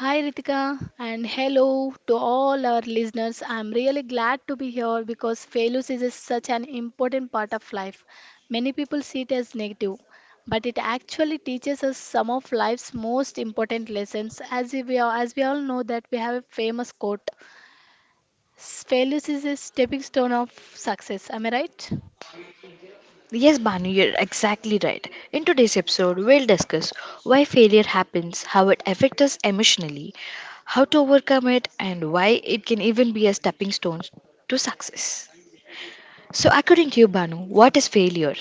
Hi Ritika and hello to all our listeners. I'm really glad to be here because such an important part of life. Many people see it as negative, but it actually teaches us some of life's most important lessons. As we all know that we have a famous quote, "Failure is a stepping stone of success." Am I right? Yes, Banu, you're exactly right. In today's episode, we'll discuss why failure happens, how it affects us emotionally, how to overcome it, and why it can even be a stepping stone to success. So, according to you, Banu, what is failure?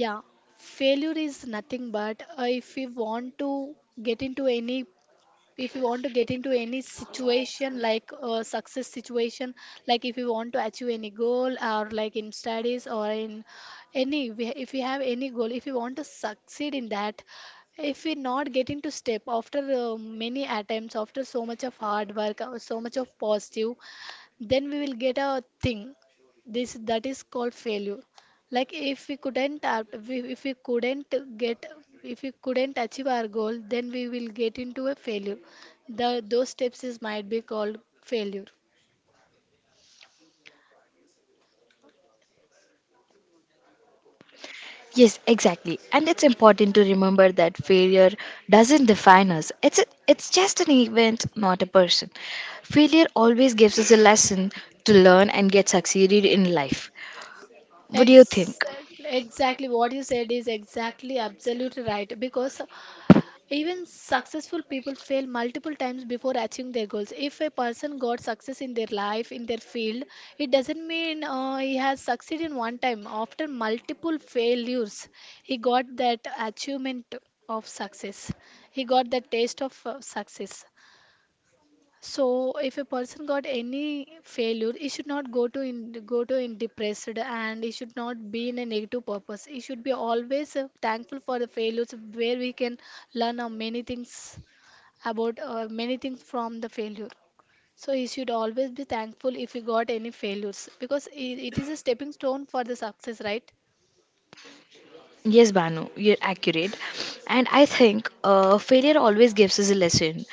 Yeah, failure is nothing but if we want to get into any if you want to get into any situation, like a success situation, like if you want to achieve any goal, or like in studies or in any if you have any goal, if you want to succeed in that, if we not get into step after many attempts, after so much of hard work, so much of positive, then we will get a thing, this that is called failure. Like if we if we couldn't get, if we couldn't achieve our goal, then we will get into a failure. The those steps is might be called failure. Yes, exactly. And it's important to remember that failure doesn't define us. It's just an event, not a person. Failure always gives us a lesson to learn and get succeeded in life. What do you think? Exactly what you said is exactly absolutely right, because even successful people fail multiple times before achieving their goals. If a person got success in their life, in their field, it doesn't mean he has succeeded one time. After multiple failures, he got that achievement of success. He got the taste of success. So if a person got any failure, it should not go to in depressed, and it should not be in a negative purpose. It should be always thankful for the failures, where we can learn many things about many things from the failure. So he should always be thankful if he got any failures, because it is a stepping stone for the success, right? Yes, Banu, you're accurate. And I think failure always gives us a lesson.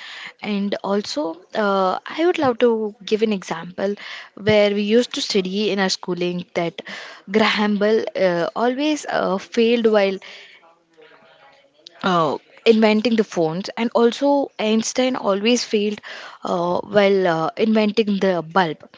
And also, I would love to give an example where we used to study in our schooling that Graham Bell always failed while uh, inventing the phones, and also Einstein always failed while inventing the bulb.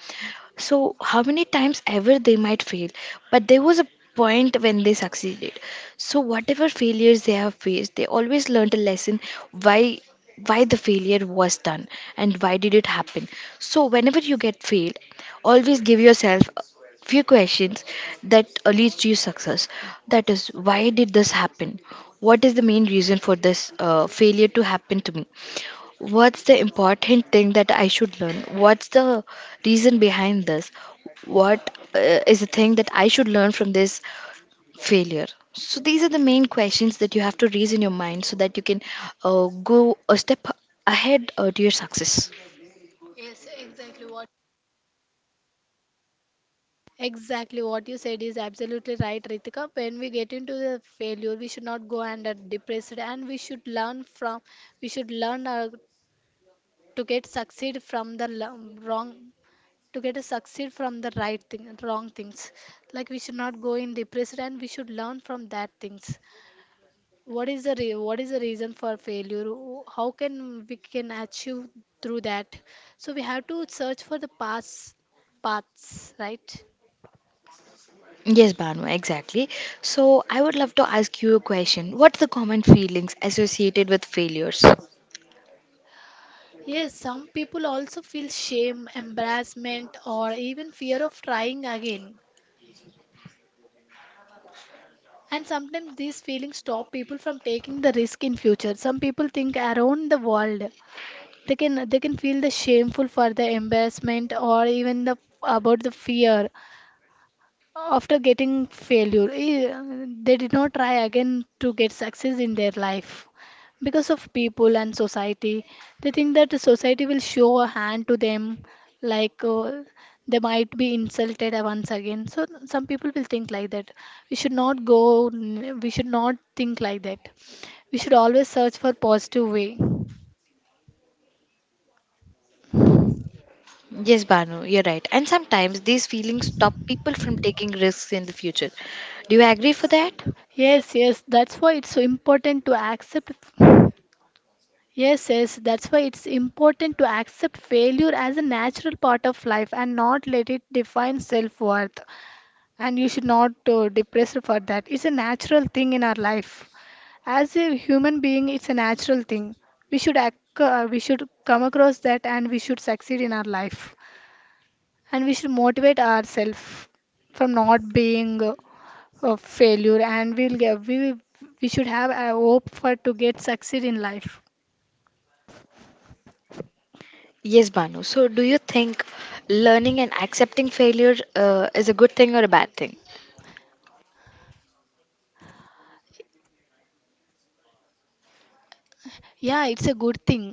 So, how many times ever they might fail, but there was a point when they succeeded. So, whatever failures they have faced, they always learned a lesson why why the failure was done and why did it happen. So, whenever you get failed, always give yourself a few questions that leads to your success. That is, why did this happen? What is the main reason for this failure to happen to me? What's the important thing that I should learn? What's the reason behind this? What is the thing that I should learn from this failure? So, these are the main questions that you have to raise in your mind so that you can go a step ahead to your success. Exactly what you said is absolutely right, Ritika. When we get into the failure, we should not go under depressed, and we should learn from. We should learn to get succeed from the wrong, to get a succeed from the right thing, wrong things. Like we should not go in depressed, and we should learn from that things. What is the what is the reason for failure? How can we can achieve through that? So we have to search for the past paths, right? Yes, Banu, exactly. So, I would love to ask you a question. What's the common feelings associated with failures? Yes, some people also feel shame, embarrassment, or even fear of trying again. And sometimes these feelings stop people from taking the risk in future. Some people think, around the world, they can feel the shameful for the embarrassment, or even the about the fear after getting failure, they did not try again to get success in their life because of people and society. They think that the society will show a hand to them, like they might be insulted once again. So some people will think like that. We should not go, we should not think like that. We should always search for positive way. Yes, Banu, you're right. And sometimes these feelings stop people from taking risks in the future. Do you agree for that? Yes yes that's why it's so important to accept Yes, yes, that's why it's important to accept failure as a natural part of life and not let it define self worth. And you should not depress for that. It's a natural thing in our life. As a human being, it's a natural thing. We should come across that, and we should succeed in our life. And we should motivate ourselves from not being a failure. And we'll get, we should have a hope for to get succeed in life. Yes, Banu. So, do you think learning and accepting failure is a good thing or a bad thing? Yeah it's a good thing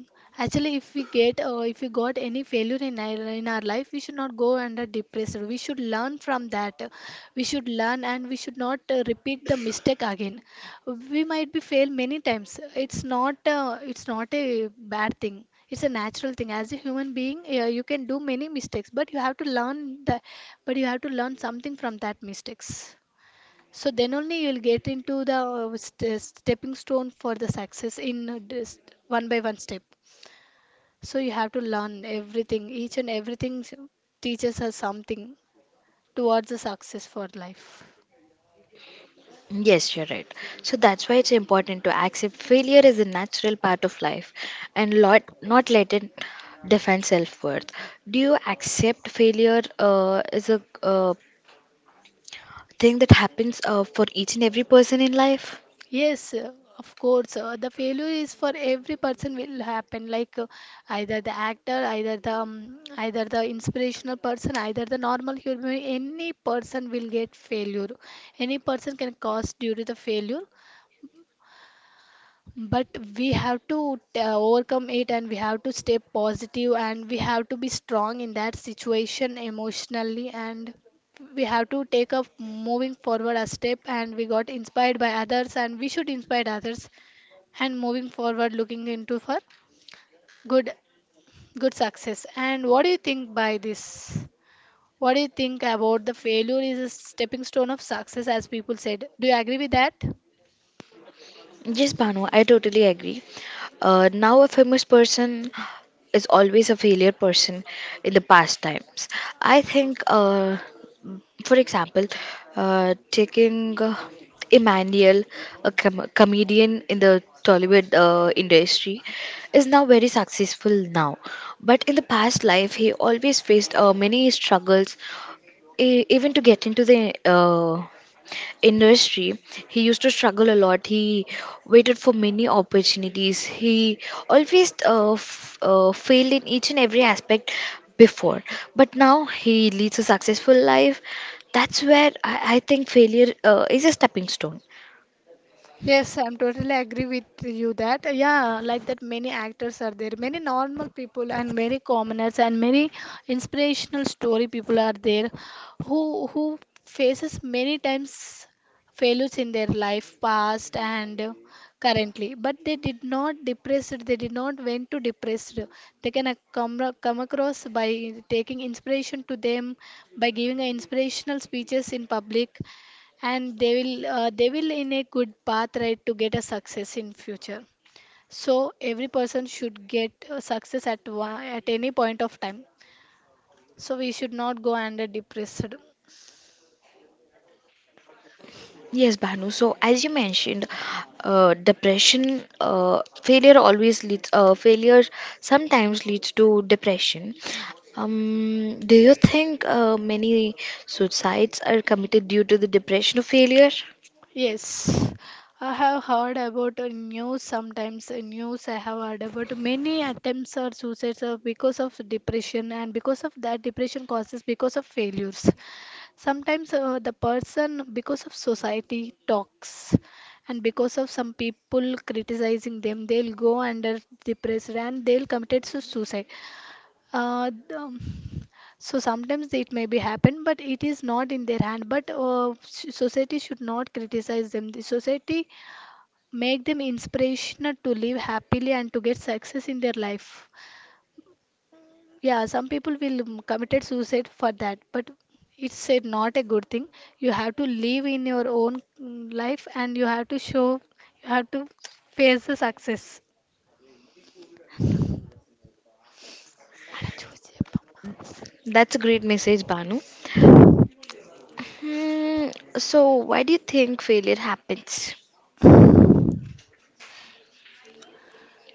actually if we get if we got any failure in our life, we should not go under depressed, we should learn from that. We should learn, and we should not repeat the mistake again. We might be fail many times. It's not it's not a bad thing, it's a natural thing. As a human being, yeah, you can do many mistakes, but you have to learn that, but you have to learn something from that mistakes. So then only you'll get into the stepping stone for the success in this one by one step. So you have to learn everything. Each and everything teaches us something towards the success for life. Yes, you're right. So that's why it's important to accept failure is a natural part of life and lot, not let it define self worth. Do you accept failure is a thing that happens for each and every person in life? Yes, of course. The failure is for every person will happen. Like either the actor, either the inspirational person, either the normal human. Any person will get failure. Any person can cause due to the failure. But we have to overcome it, and we have to stay positive, and we have to be strong in that situation emotionally, and we have to take up moving forward a step, and we got inspired by others, and we should inspire others, and moving forward looking into for good, good success. And what do you think by this? What do you think about the failure is a stepping stone of success, as people said? Do you agree with that? Yes, Banu, I totally agree. Now, a famous person is always a failure person in the past times. I think, for example, taking Emmanuel, a comedian in the Tollywood industry, is now very successful now. But in the past life, he always faced many struggles, even to get into the industry. He used to struggle a lot. He waited for many opportunities. He always failed in each and every aspect before, but now he leads a successful life. That's where I think failure is a stepping stone. Yes, I'm totally agree with you that, yeah, like that many actors are there, many normal people and many commoners, and many inspirational story people are there, who faces many times failures in their life past and currently, but they did not depressed, they did not went to depressed. They can come across by taking inspiration to them, by giving a inspirational speeches in public, and they will in a good path, right, to get a success in future. So every person should get success at one, at any point of time. So we should not go under depressed. Yes, Bhanu. So, as you mentioned, depression, failure always leads, failure sometimes leads to depression. Do you think many suicides are committed due to the depression or failure? Yes, I have heard about news. Sometimes news I have heard about many attempts or suicides are because of depression, and because of that depression causes because of failures. Sometimes the person, because of society talks and because of some people criticizing them, they'll go under depressed and they'll commit to suicide. uh, the- um, so sometimes it may be happen, but it is not in their hand. But society should not criticize them. The society make them inspirational to live happily and to get success in their life. Yeah, some people will committed suicide for that, but it's a, not a good thing. You have to live in your own life, and you have to show, you have to face the success. అడ చూసి చెప్పమ్మా. That's a great message, Bhanu. Hmm, so, why do you think failure happens?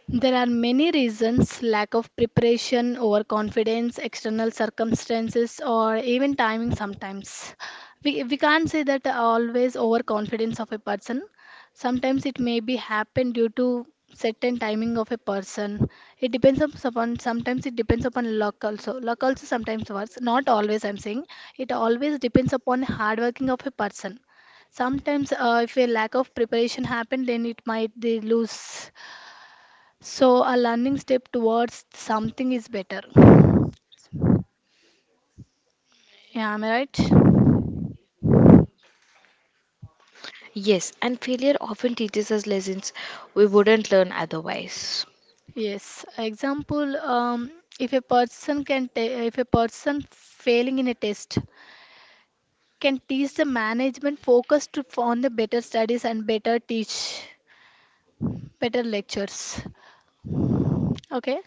There are many reasons: lack of preparation, overconfidence, external circumstances, or even timing sometimes. We can't say that always overconfidence of a person. Sometimes it may be happen due to certain timing of a person. It depends upon, sometimes it depends upon luck also. Luck also sometimes works. Not always I'm saying. It always depends upon hard working of a person. Sometimes if a lack of preparation happen, then it might they lose. So a learning step towards something is better. Yeah, am I right? Yes, and failure often teaches us lessons we wouldn't learn otherwise. Yes. Example, if a person can ta if a person failing in a test can teach the management focus to on the better studies and better teach, better lectures. Okay.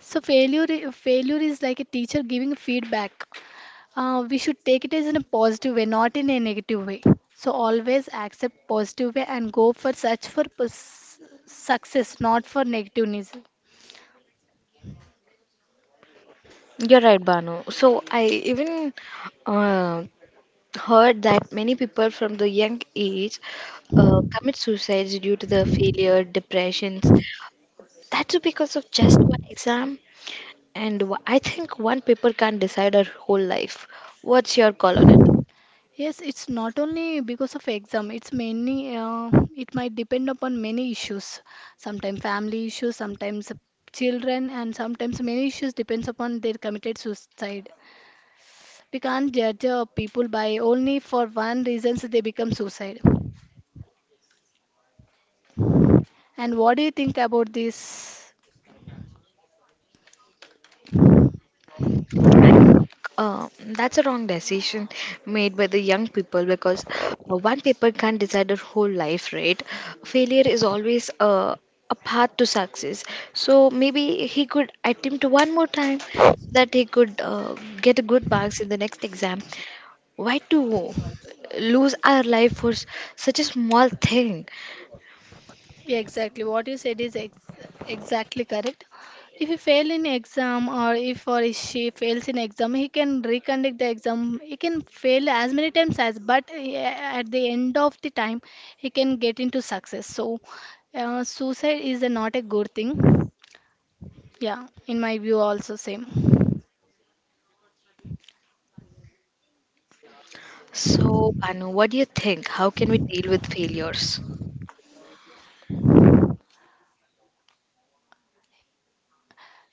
So failure is like a teacher giving feedback. We should take it as in a positive way, not in a negative way. So always accept positive way and go for search for success, not for negativeness. You're right, Banu. So I even uh, heard that many people from the young age commit suicides due to the failure, depressions. That's because of just one exam. And I think one paper can't decide our whole life. What's your call on it? Yes, it's not only because of exam. It's mainly it might depend upon many issues. Sometimes family issues, sometimes children, and sometimes many issues depends upon their committed suicide. We can't judge people by only for one reasons they become suicide. And what do you think about this? That's a wrong decision made by the young people because one paper can't decide their whole life, right? Failure is always a path to success. So maybe he could attempt one more time so that he could get a good marks in the next exam. Why to lose our life for such a small thing? Yeah, exactly. What you said is exactly correct. If he fail in exam, or if, or if she fails in exam, he can reconduct the exam. He can fail as many times as, but at the end of the time, he can get into success. So, suicide is a, not a good thing. Yeah, in my view, also same. So, Banu, what do you think? How can we deal with failures?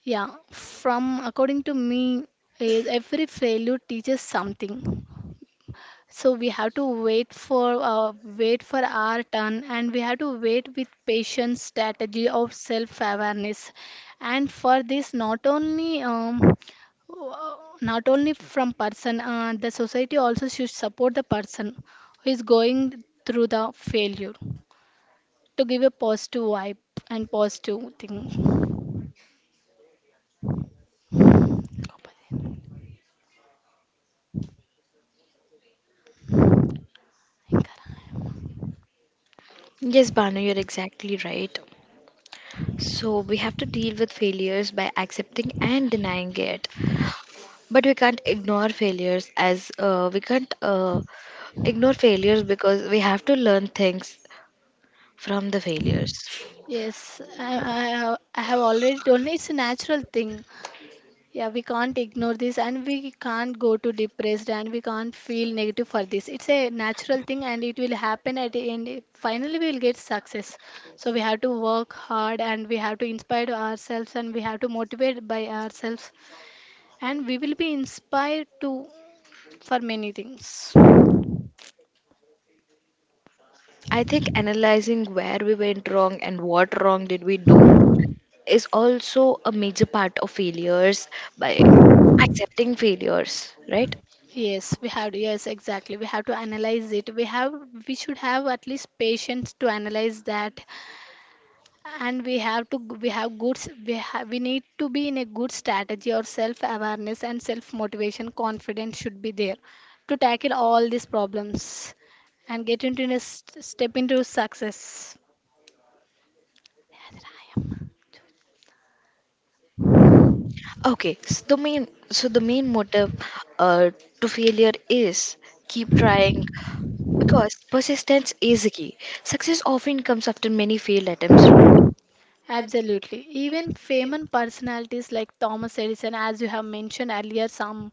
Yeah, from according to me, every failure teaches something. So we have to wait for wait for our turn, and we have to wait with patience, strategy of self awareness. And for this, not only uh, not only from person, the society also should support the person who is going through the failure, to give a positive vibe and positive thing. Yes, Banu, you're exactly right. So we have to deal with failures by accepting and denying it. But we can't ignore failures as we can't ignore failures because we have to learn things from the failures. I have already told you, it's a natural thing. Yeah, we can't ignore this, and we can't go to depressed, and we can't feel negative for this. It's a natural thing, and it will happen at the end. Finally, we will get success. So we have to work hard and we have to inspire ourselves and we have to motivate by ourselves and we will be inspired to for many things. I think analyzing where we went wrong and what wrong did we do is also a major part of failures by accepting failures, right? Yes, we have to, yes, exactly. We have to analyze it. We should have at least patience to analyze that and we have we need to be in a good strategy or self awareness and self motivation confidence should be there to tackle all these problems and get into a step into success. Okay, so the main motive uh, to failure is keep trying, because persistence is the key. Success often comes after many failed attempts. Absolutely. Even famous personalities like Thomas Edison, as you have mentioned earlier, some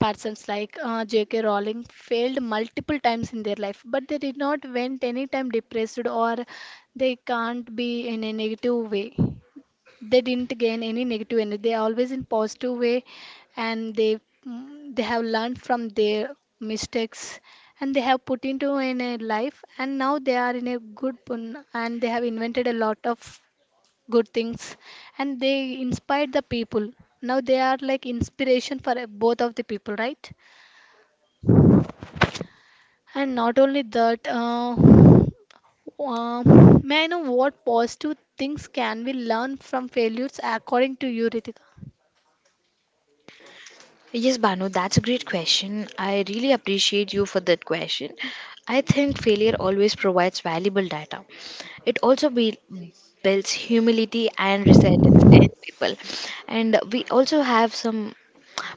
persons like J.K. Rowling failed multiple times in their life, but they did not went any time depressed, or they can't be in a negative way. They didn't gain any negative energy. They are always in positive way, and they have learned from their mistakes, and they have put into in a life, and now they are in a and they have invented a lot of good things and they inspired the people. Now they are like inspiration for both of the people, right? And not only that, may I know what positive things can we learn from failures, according to you, Ritika? Right? Yes, Banu, that's a great question. I really appreciate you for that question. I think failure always provides valuable data. It also builds humility and resilience in people. And we also have some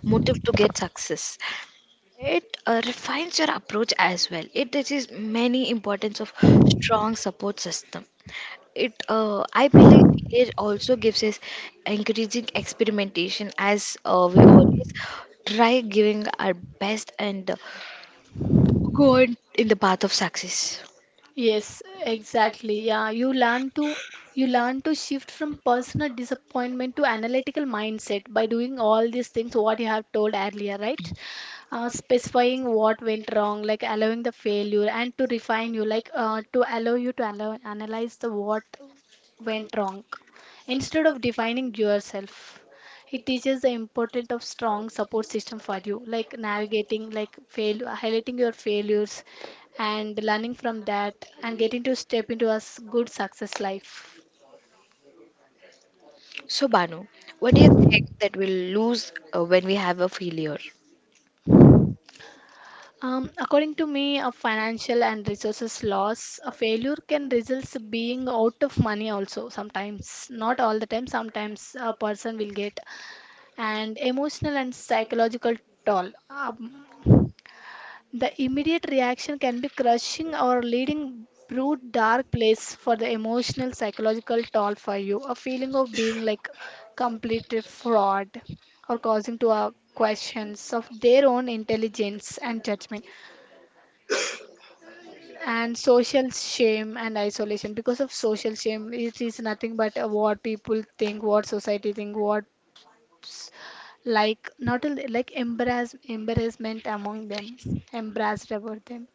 motive to get success. It refines your approach as well. It teaches many importance of strong support system. It I believe village also gives us encouraging experimentation as we always try giving our best and go on in the path of success. Yes, exactly. Yeah, you learn to shift from personal disappointment to analytical mindset by doing all these things what you have told earlier, right? Specifying what went wrong, like allowing the failure, and to refine you, like to allow you to analyze the what went wrong instead of defining yourself. It teaches the importance of strong support system for you, like navigating, like fail, highlighting your failures, and learning from that and getting to step into a good success life. So, Banu, what do you think that we'll lose when we have a failure? According to me, a financial and resources loss, a failure can result being out of money also sometimes, not all the time. Sometimes a person will get and emotional and psychological toll. The immediate reaction can be crushing or leading brute dark place for the emotional psychological toll for you. A feeling of being like complete fraud, or causing to questions of their own intelligence and judgment and social shame and isolation. Because of social shame, it is nothing but what people think, what society think, what, like not only, like embarrassment among them, embarrassed about them.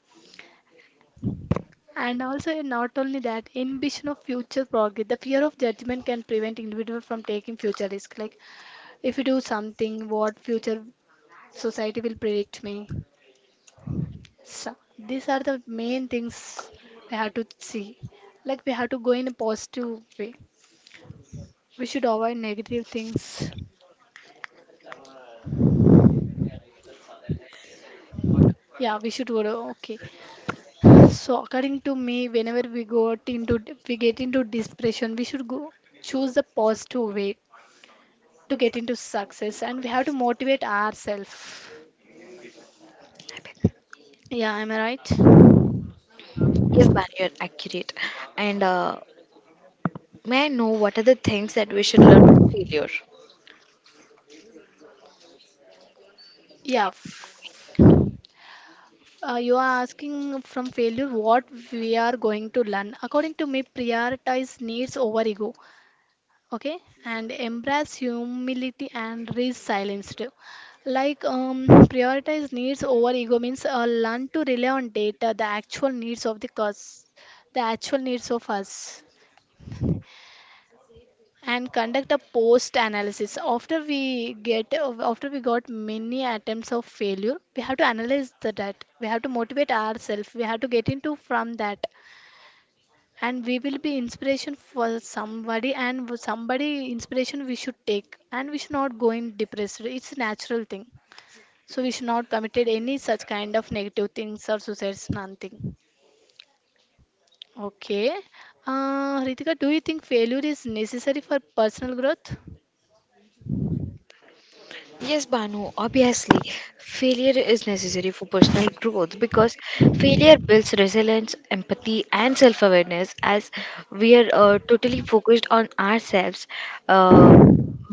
And also, not only that, inhibition of future progress. The fear of judgment can prevent individual from taking future risk. Like, if you do something, what future society will predict me? So these are the main things we have to see. Like, we have to go in a positive way. We should avoid negative things. Yeah, we should go. Okay. So, according to me, whenever we go out into, we get into depression, we should go choose the positive way to get into success, and we have to motivate ourselves. Yeah, am I right? Yes, Banu, you're accurate. And may I know what are the things that we should learn from failure? Yeah. You are asking from failure what we are going to learn. According to me, prioritize needs over ego. Okay, and embrace humility and resilience too. Like um, Prioritize needs over ego means learn to rely on data, the actual needs of the cause, the actual needs of us, and conduct a post analysis. After we get after we got many attempts of failure, we have to analyze the, that we have to motivate ourselves, we have to get into from that. And we will be inspiration for somebody, and somebody inspiration we should take, and we should not go in depressed. It's a natural thing. So we should not committed any such kind of negative things or suicides, nothing. Okay. Ritika, do you think failure is necessary for personal growth? Yes, Banu, obviously, failure is necessary for personal growth because failure builds resilience, empathy, and self awareness as we are totally focused on ourselves, uh,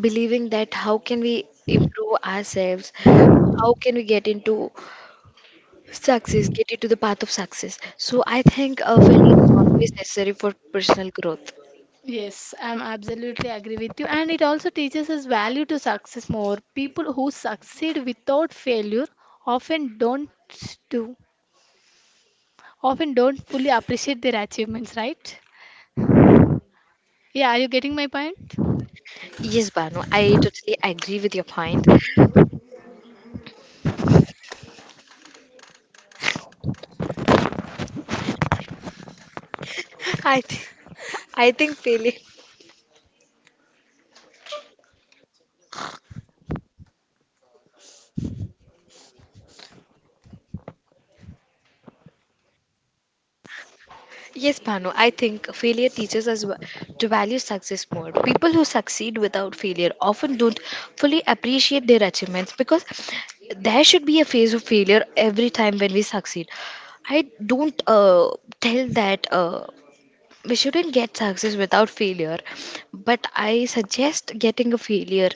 believing that how can we improve ourselves, how can we get into success, get into the path of success. So, I think failure is always necessary for personal growth. Yes, I'm absolutely agree with you. And it also teaches us value to success more. People who succeed without failure often don't do, often don't fully appreciate their achievements, right? Yeah, are you getting my point? Yes, Banu, I totally agree with your point. I, th- I think failure. Yes, Bhanu, I think failure teaches us to value success more. People who succeed without failure often don't fully appreciate their achievements because there should be a phase of failure every time when we succeed. I don't tell that we shouldn't get success without failure, but I suggest getting a failure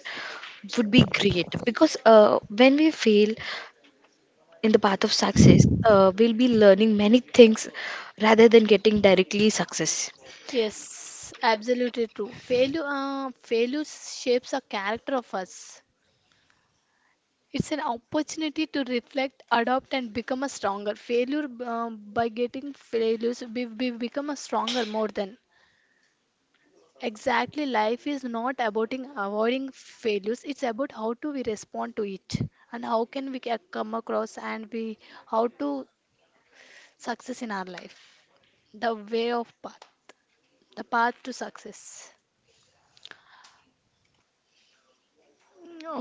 would be great because when we fail in the path of success, we'll be learning many things rather than getting directly success. Yes, absolutely true. Failure shapes a character of us. It's an opportunity to reflect, adopt, and become a stronger. Failure, by getting failures, we become a stronger more than. Exactly, life is not about avoiding failures. It's about how do we respond to it, and how can we come across, and we how to success in our life. The way of path, the path to success.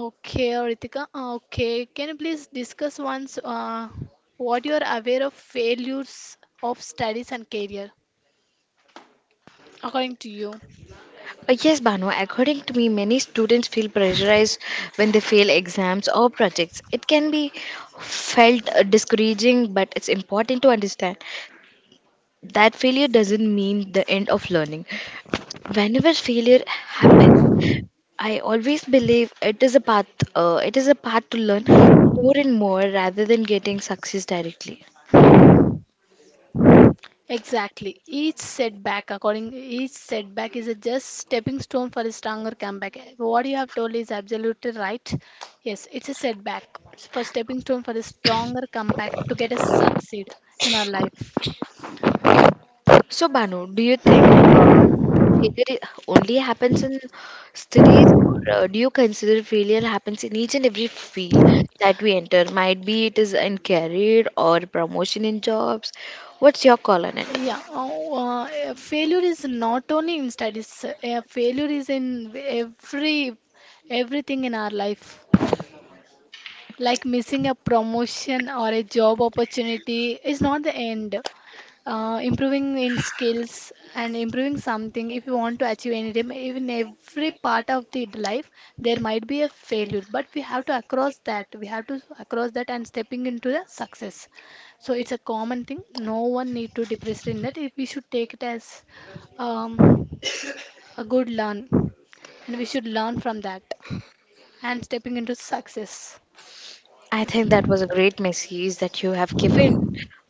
Okay, Ritika. Okay, can you please discuss once what you are aware of failures of studies and career, according to you? Yes, Banu, according to me, many students feel pressurized when they fail exams or projects. It can be felt discouraging, but it's important to understand that failure doesn't mean the end of learning. Whenever failure happens, I always believe it is a path. It is a path to learn more and more rather than getting success directly. Exactly. According each setback is a just stepping stone for a stronger comeback. What you have told is absolutely right. Yes, it's a setback for stepping stone for a stronger comeback to get us succeed in our life. So, Banu, do you think failure only happens in studies, or do you consider failure happens in each and every field that we enter? Might be it is in career or promotion in jobs. What's your call on it? Yeah, uh, Failure is not only in studies. Failure is in everything in our life. Like missing a promotion or a job opportunity is not the end. Improving in skills and improving something, if you want to achieve anything, even every part of the life, there might be a failure, but we have to across that. We have to across that and stepping into the success. So it's a common thing. No one need to depress in that. If we should take it as um, a good learn, and we should learn from that and stepping into success. I think that was a great message that you have given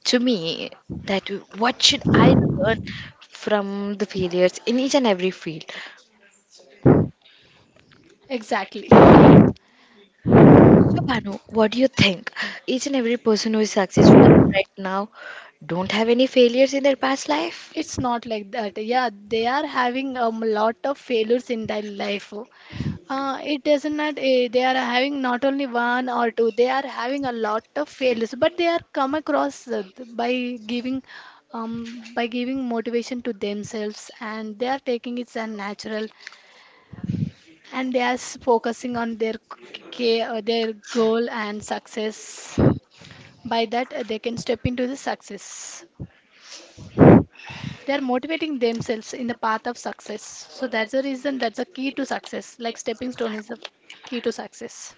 to me. That what should I learn from the failures in each and every field? Exactly. So, Banu, what do you think? Each and every person who is successful right now don't have any failures in their past life? It's not like that. Yeah, they are having a lot of failures in their life. It doesn't not, they are having not only one or two, they are having a lot of failures, but they are come across by giving motivation to themselves, and they are taking it as natural, and they are focusing on their care, their goal and success. By that, they can step into the success. They're motivating themselves in the path of success. So that's the reason, that's the key to success, like stepping stone is the key to success.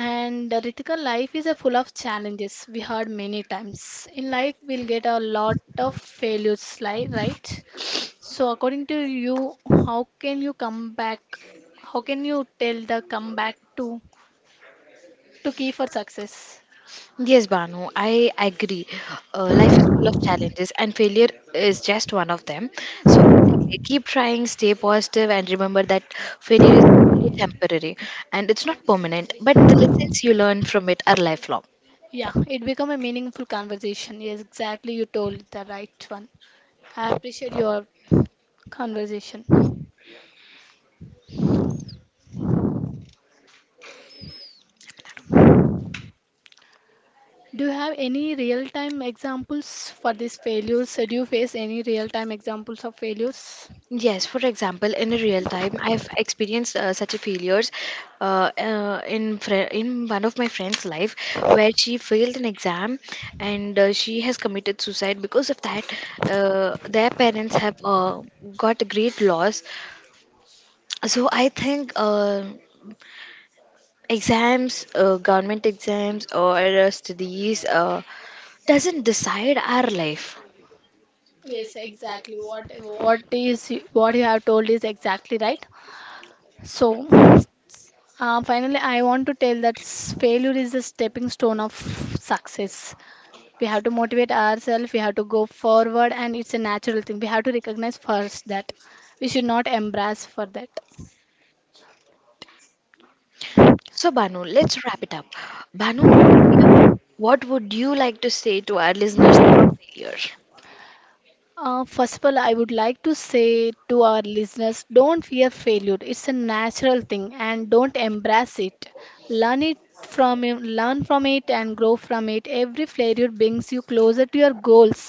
And Ritika, life is a full of challenges, we heard many times, in life we'll get a lot of failures, right? So, according to you, how can you come back, how can you tell the comeback to key for success? Yes, Banu, I agree. Life is full of challenges, and failure is just one of them. So, exactly, keep trying, stay positive, and remember that failure is only temporary and it's not permanent, but the lessons you learn from it are lifelong. Yeah, it become a meaningful conversation. Yes, exactly, you told the right one. I appreciate your conversation. Do you have any real time examples for these failures? Do you face any real time examples of failures? Yes, for example, in a real time, I've experienced such a failures in one of my friend's life where she failed an exam and she has committed suicide because of that. Their parents have got a great loss. So I think exams, government exams, or studies doesn't decide our life. Yes, exactly. What is what you have told is exactly right. So, finally, I want to tell that failure is the stepping stone of success. We have to motivate ourselves. We have to go forward, and it's a natural thing. We have to recognize first that we should not embrace for that. So Banu, let's wrap it up. Banu, what would you like to say to our listeners about failure? First of all, I would like to say to our listeners, don't fear failure. It's a natural thing, and don't embrace it. Learn it Learn from it and grow from it. Every failure brings you closer to your goals.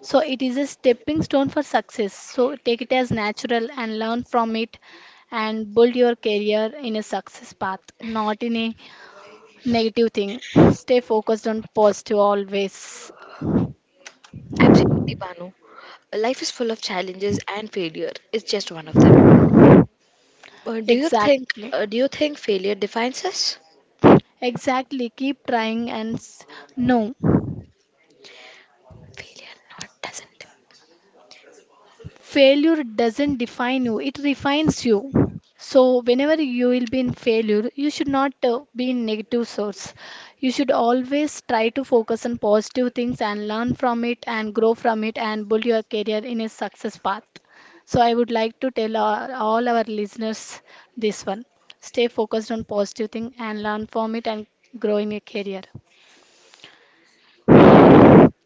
So it is a stepping stone for success. So take it as natural and learn from it and build your career in a success path, not in a negative thing. Stay focused on positive always. Absolutely, Banu. Life is full of challenges, and failure is just one of them. Do you think? Exactly. Do you think failure defines us? Exactly, keep trying, and no, Failure not doesn't. failure doesn't define you, it refines you. So, whenever you will be in failure, you should not be in negative source. You should always try to focus on positive things and learn from it and grow from it and build your career in a success path. So, I would like to tell all our listeners this one: stay focused on positive thing and learn from it and grow in your career.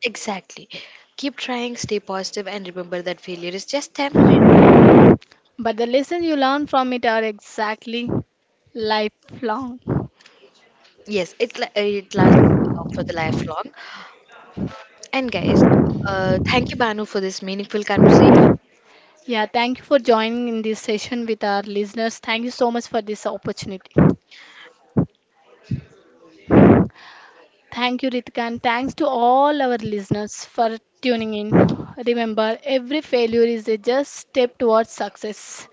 Exactly. Keep trying, stay positive, and remember that failure is just temporary. But the lessons you learn from it are exactly lifelong. Yes, it it lasts for the lifelong. And guys, thank you, Banu, for this meaningful conversation. Yeah, thank you for joining in this session with our listeners. Thank you so much for this opportunity. Thank you, Ritika, and thanks to all our listeners for tuning in. Remember, every failure is a just step towards success.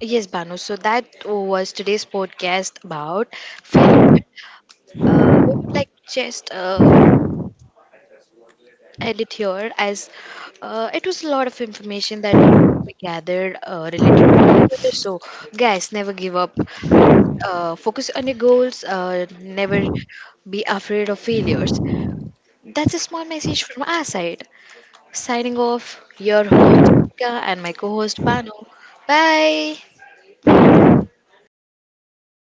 Yes, Banu. So that was today's podcast about failure. We would like just end it here as it was a lot of information that we gathered related to failure. So, guys, never give up. Focus on your goals. Never be afraid of failures. That's a small message from our side. Signing off, your host Rika and my co host Bano. Bye.